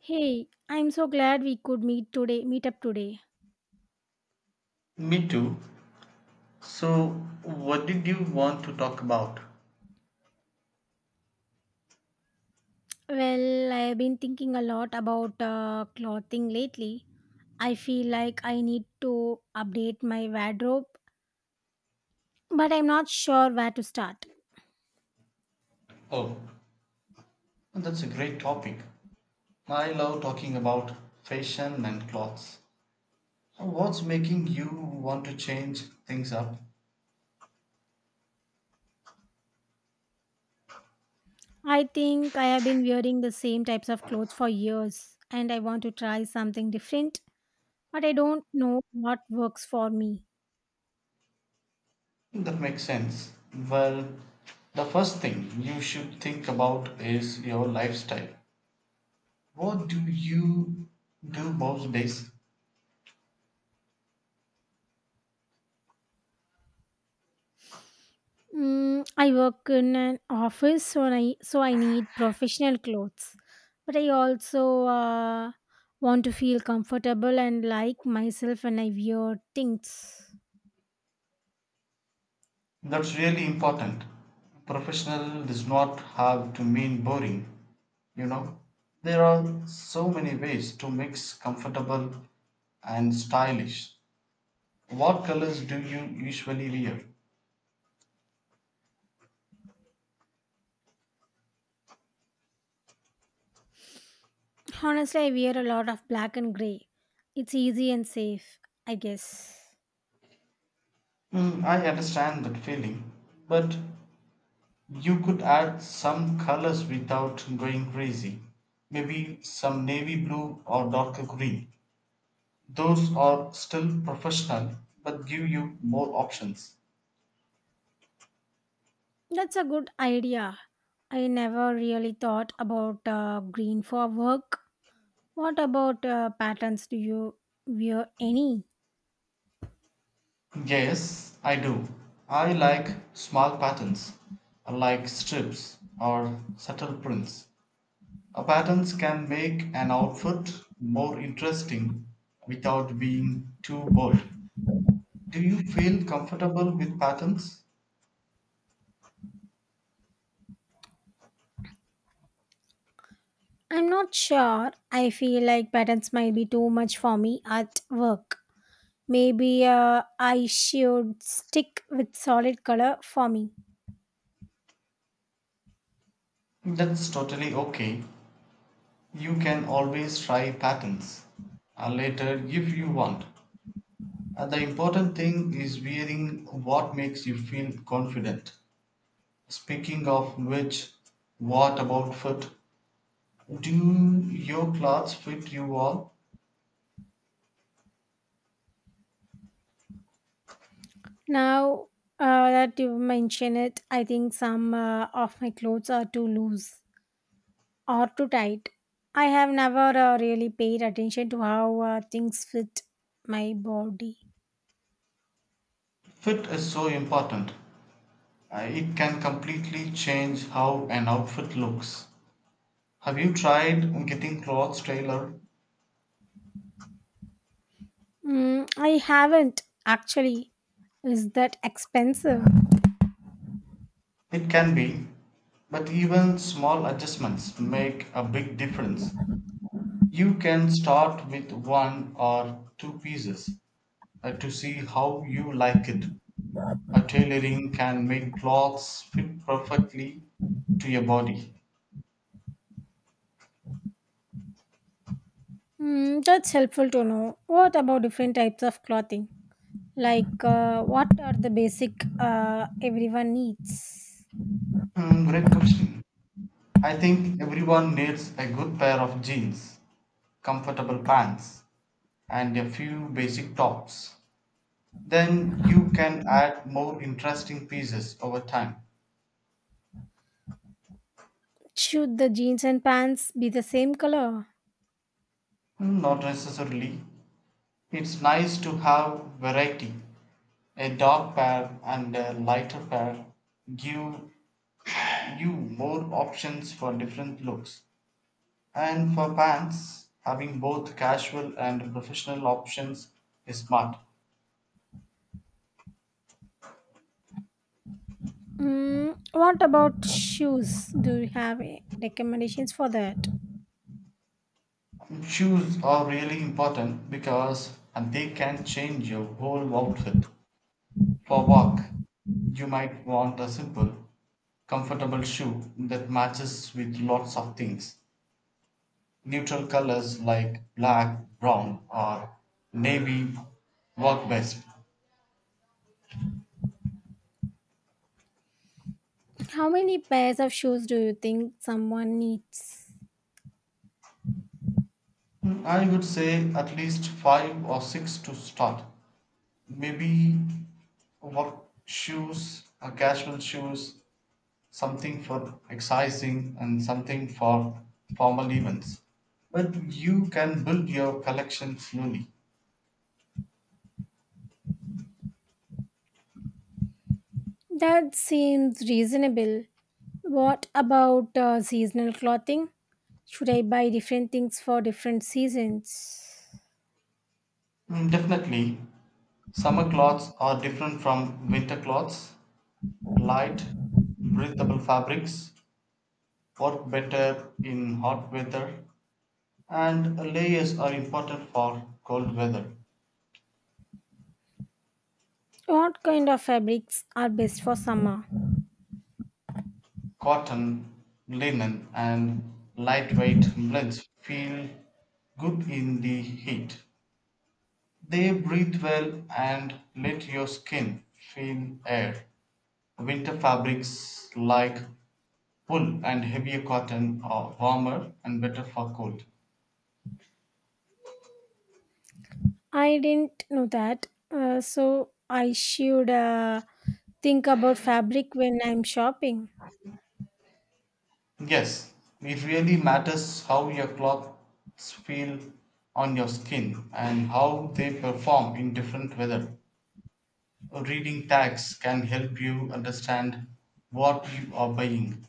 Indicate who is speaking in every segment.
Speaker 1: Hey, I'm so glad we could meet up today.
Speaker 2: Me too. So, what did you want to talk about?
Speaker 1: Well, I've been thinking a lot about clothing lately. I feel like I need to update my wardrobe, but I'm not sure where to start.
Speaker 2: Oh, that's a great topic. I love talking about fashion and clothes. What's making you want to change things up?
Speaker 1: I think I have been wearing the same types of clothes for years and I want to try something different, but I don't know what works for me.
Speaker 2: That makes sense. Well, the first thing you should think about is your lifestyle. What do you do most days?
Speaker 1: Mm, I work in an office, so I need professional clothes, but I also want to feel comfortable and like myself when I wear things.
Speaker 2: That's really important. Professional does not have to mean boring, you know. There are so many ways to mix comfortable and stylish. What colors do you usually wear?
Speaker 1: Honestly, I wear a lot of black and gray. It's easy and safe, I guess.
Speaker 2: Mm, I understand that feeling, but you could add some colors without going crazy. Maybe some navy blue or darker green. Those are still professional but give you more options.
Speaker 1: That's a good idea. I never really thought about green for work. What about patterns? Do you wear any?
Speaker 2: Yes, I do. I like small patterns, like strips or subtle prints. A patterns can make an outfit more interesting without being too bold. Do you feel comfortable with patterns?
Speaker 1: I'm not sure. I feel like patterns might be too much for me at work. Maybe I should stick with solid color for me.
Speaker 2: That's totally okay. You can always try patterns later if you want. The important thing is wearing what makes you feel confident. Speaking of which, what about fit? Do your clothes fit you all?
Speaker 1: Now that you mention it, I think some of my clothes are too loose or too tight. I have never really paid attention to how things fit my body.
Speaker 2: Fit is so important. It can completely change how an outfit looks. Have you tried getting clothes tailored?
Speaker 1: Mm, I haven't actually. Is that expensive?
Speaker 2: It can be, but even small adjustments make a big difference. You can start with one or two pieces to see how you like it. A tailoring can make clothes fit perfectly to your body.
Speaker 1: Hmm, that's helpful to know. What about different types of clothing? Like, what are the basic everyone needs?
Speaker 2: Hmm, great question. I think everyone needs a good pair of jeans, comfortable pants, and a few basic tops. Then you can add more interesting pieces over time.
Speaker 1: Should the jeans and pants be the same color?
Speaker 2: Hmm, not necessarily. It's nice to have variety. A dark pair and a lighter pair give you more options for different looks. And for pants, having both casual and professional options is smart.
Speaker 1: Mm, what about shoes? Do you have recommendations for that?
Speaker 2: Shoes are really important because and they can change your whole outfit. For work, you might want a simple, comfortable shoe that matches with lots of things. Neutral colors like black, brown, or navy work best.
Speaker 1: How many pairs of shoes do you think someone needs?
Speaker 2: Mm, I would say at least five or six to start. Maybe work shoes, or casual shoes, something for exercising, and something for formal events. But you can build your collection slowly.
Speaker 1: That seems reasonable. What about seasonal clothing? Should I buy different things for different seasons?
Speaker 2: Mm, definitely, summer clothes are different from winter clothes. Light, breathable fabrics work better in hot weather. And layers are important for cold weather.
Speaker 1: What kind of fabrics are best for summer?
Speaker 2: Cotton, linen, and lightweight blends feel good in the heat. They breathe well and let your skin feel air. Winter fabrics like wool and heavier cotton are warmer and better for cold.
Speaker 1: I didn't know that. So I should think about fabric when I'm shopping.
Speaker 2: Yes, it really matters how your clothes feel on your skin and how they perform in different weather. Reading tags can help you understand what you are buying.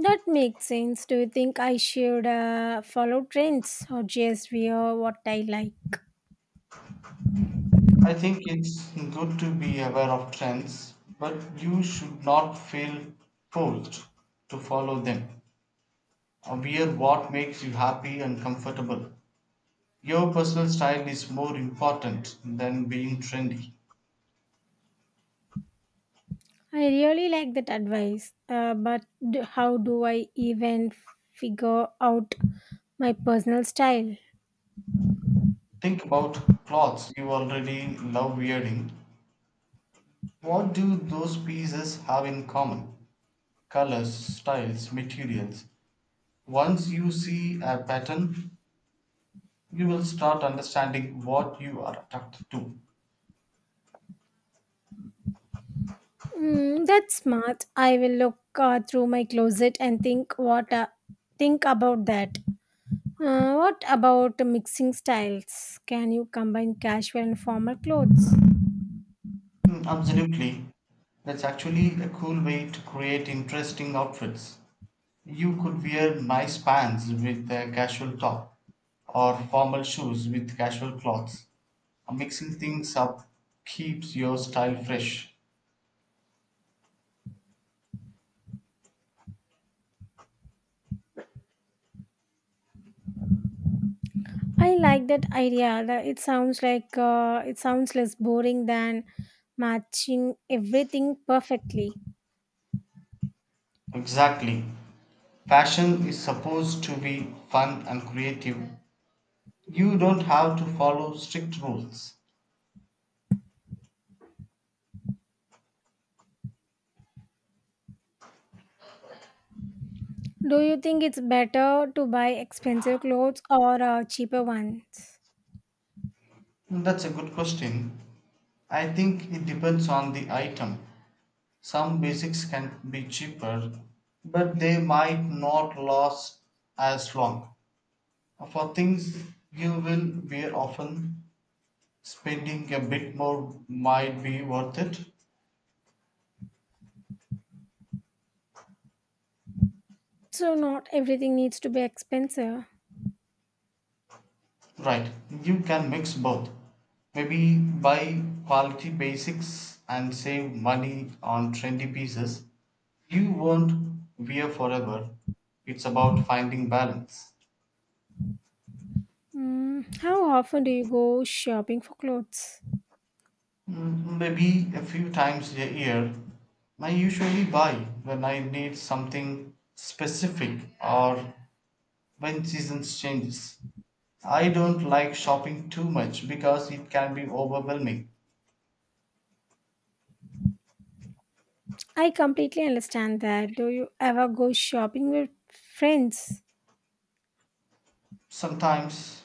Speaker 1: That makes sense. Do you think I should follow trends or just wear what I like?
Speaker 2: I think it's good to be aware of trends, but you should not feel forced to follow them. Wear what makes you happy and comfortable. Your personal style is more important than being trendy.
Speaker 1: I really like that advice, but how do I even figure out my personal style?
Speaker 2: Think about clothes you already love wearing. What do those pieces have in common? Colors, styles, materials. Once you see a pattern, you will start understanding what you are attracted to.
Speaker 1: Mm, that's smart. I will look through my closet and think about that. What about mixing styles? Can you combine casual and formal clothes?
Speaker 2: Mm, absolutely. That's actually a cool way to create interesting outfits. You could wear nice pants with a casual top or formal shoes with casual clothes. Mixing things up keeps your style fresh.
Speaker 1: I like that idea. That It sounds like it sounds less boring than matching everything perfectly.
Speaker 2: Exactly. Fashion is supposed to be fun and creative. You don't have to follow strict rules.
Speaker 1: Do you think it's better to buy expensive clothes or cheaper ones?
Speaker 2: That's a good question. I think it depends on the item. Some basics can be cheaper, but they might not last as long. For things you will wear often, spending a bit more might be worth it.
Speaker 1: So not everything needs to be expensive.
Speaker 2: Right, you can mix both. Maybe buy quality basics and save money on trendy pieces. You won't wear forever. It's about finding balance.
Speaker 1: Mm, how often do you go shopping for clothes?
Speaker 2: Mm, maybe a few times a year. I usually buy when I need something specific or when seasons changes. I don't like shopping too much because it can be overwhelming.
Speaker 1: I completely understand that. Do you ever go shopping with friends?
Speaker 2: Sometimes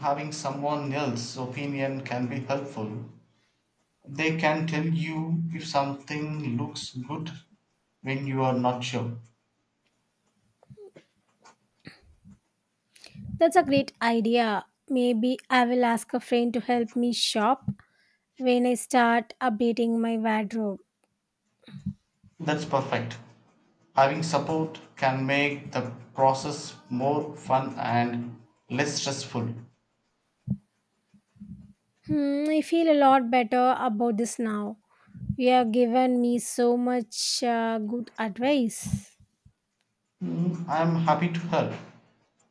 Speaker 2: having someone else's opinion can be helpful. They can tell you if something looks good when you are not sure.
Speaker 1: That's a great idea. Maybe I will ask a friend to help me shop when I start updating my wardrobe.
Speaker 2: That's perfect. Having support can make the process more fun and less stressful.
Speaker 1: Hmm, I feel a lot better about this now. You have given me so much good advice.
Speaker 2: Mm, I'm happy to help.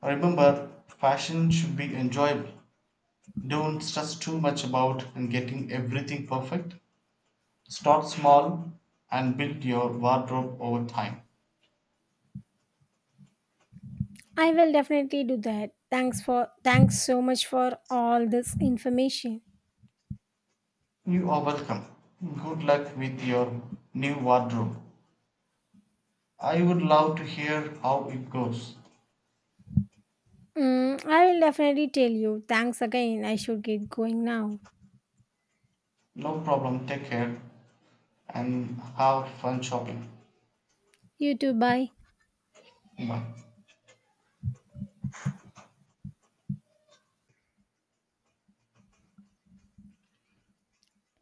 Speaker 2: Remember, fashion should be enjoyable. Don't stress too much about and getting everything perfect. Start small and build your wardrobe over time.
Speaker 1: I will definitely do that. Thanks so much for all this information.
Speaker 2: You are welcome. Good luck with your new wardrobe. I would love to hear how it goes.
Speaker 1: Mm, I will definitely tell you. Thanks again. I should get going now.
Speaker 2: No problem. Take care and have fun shopping.
Speaker 1: You too. Bye.
Speaker 2: Bye.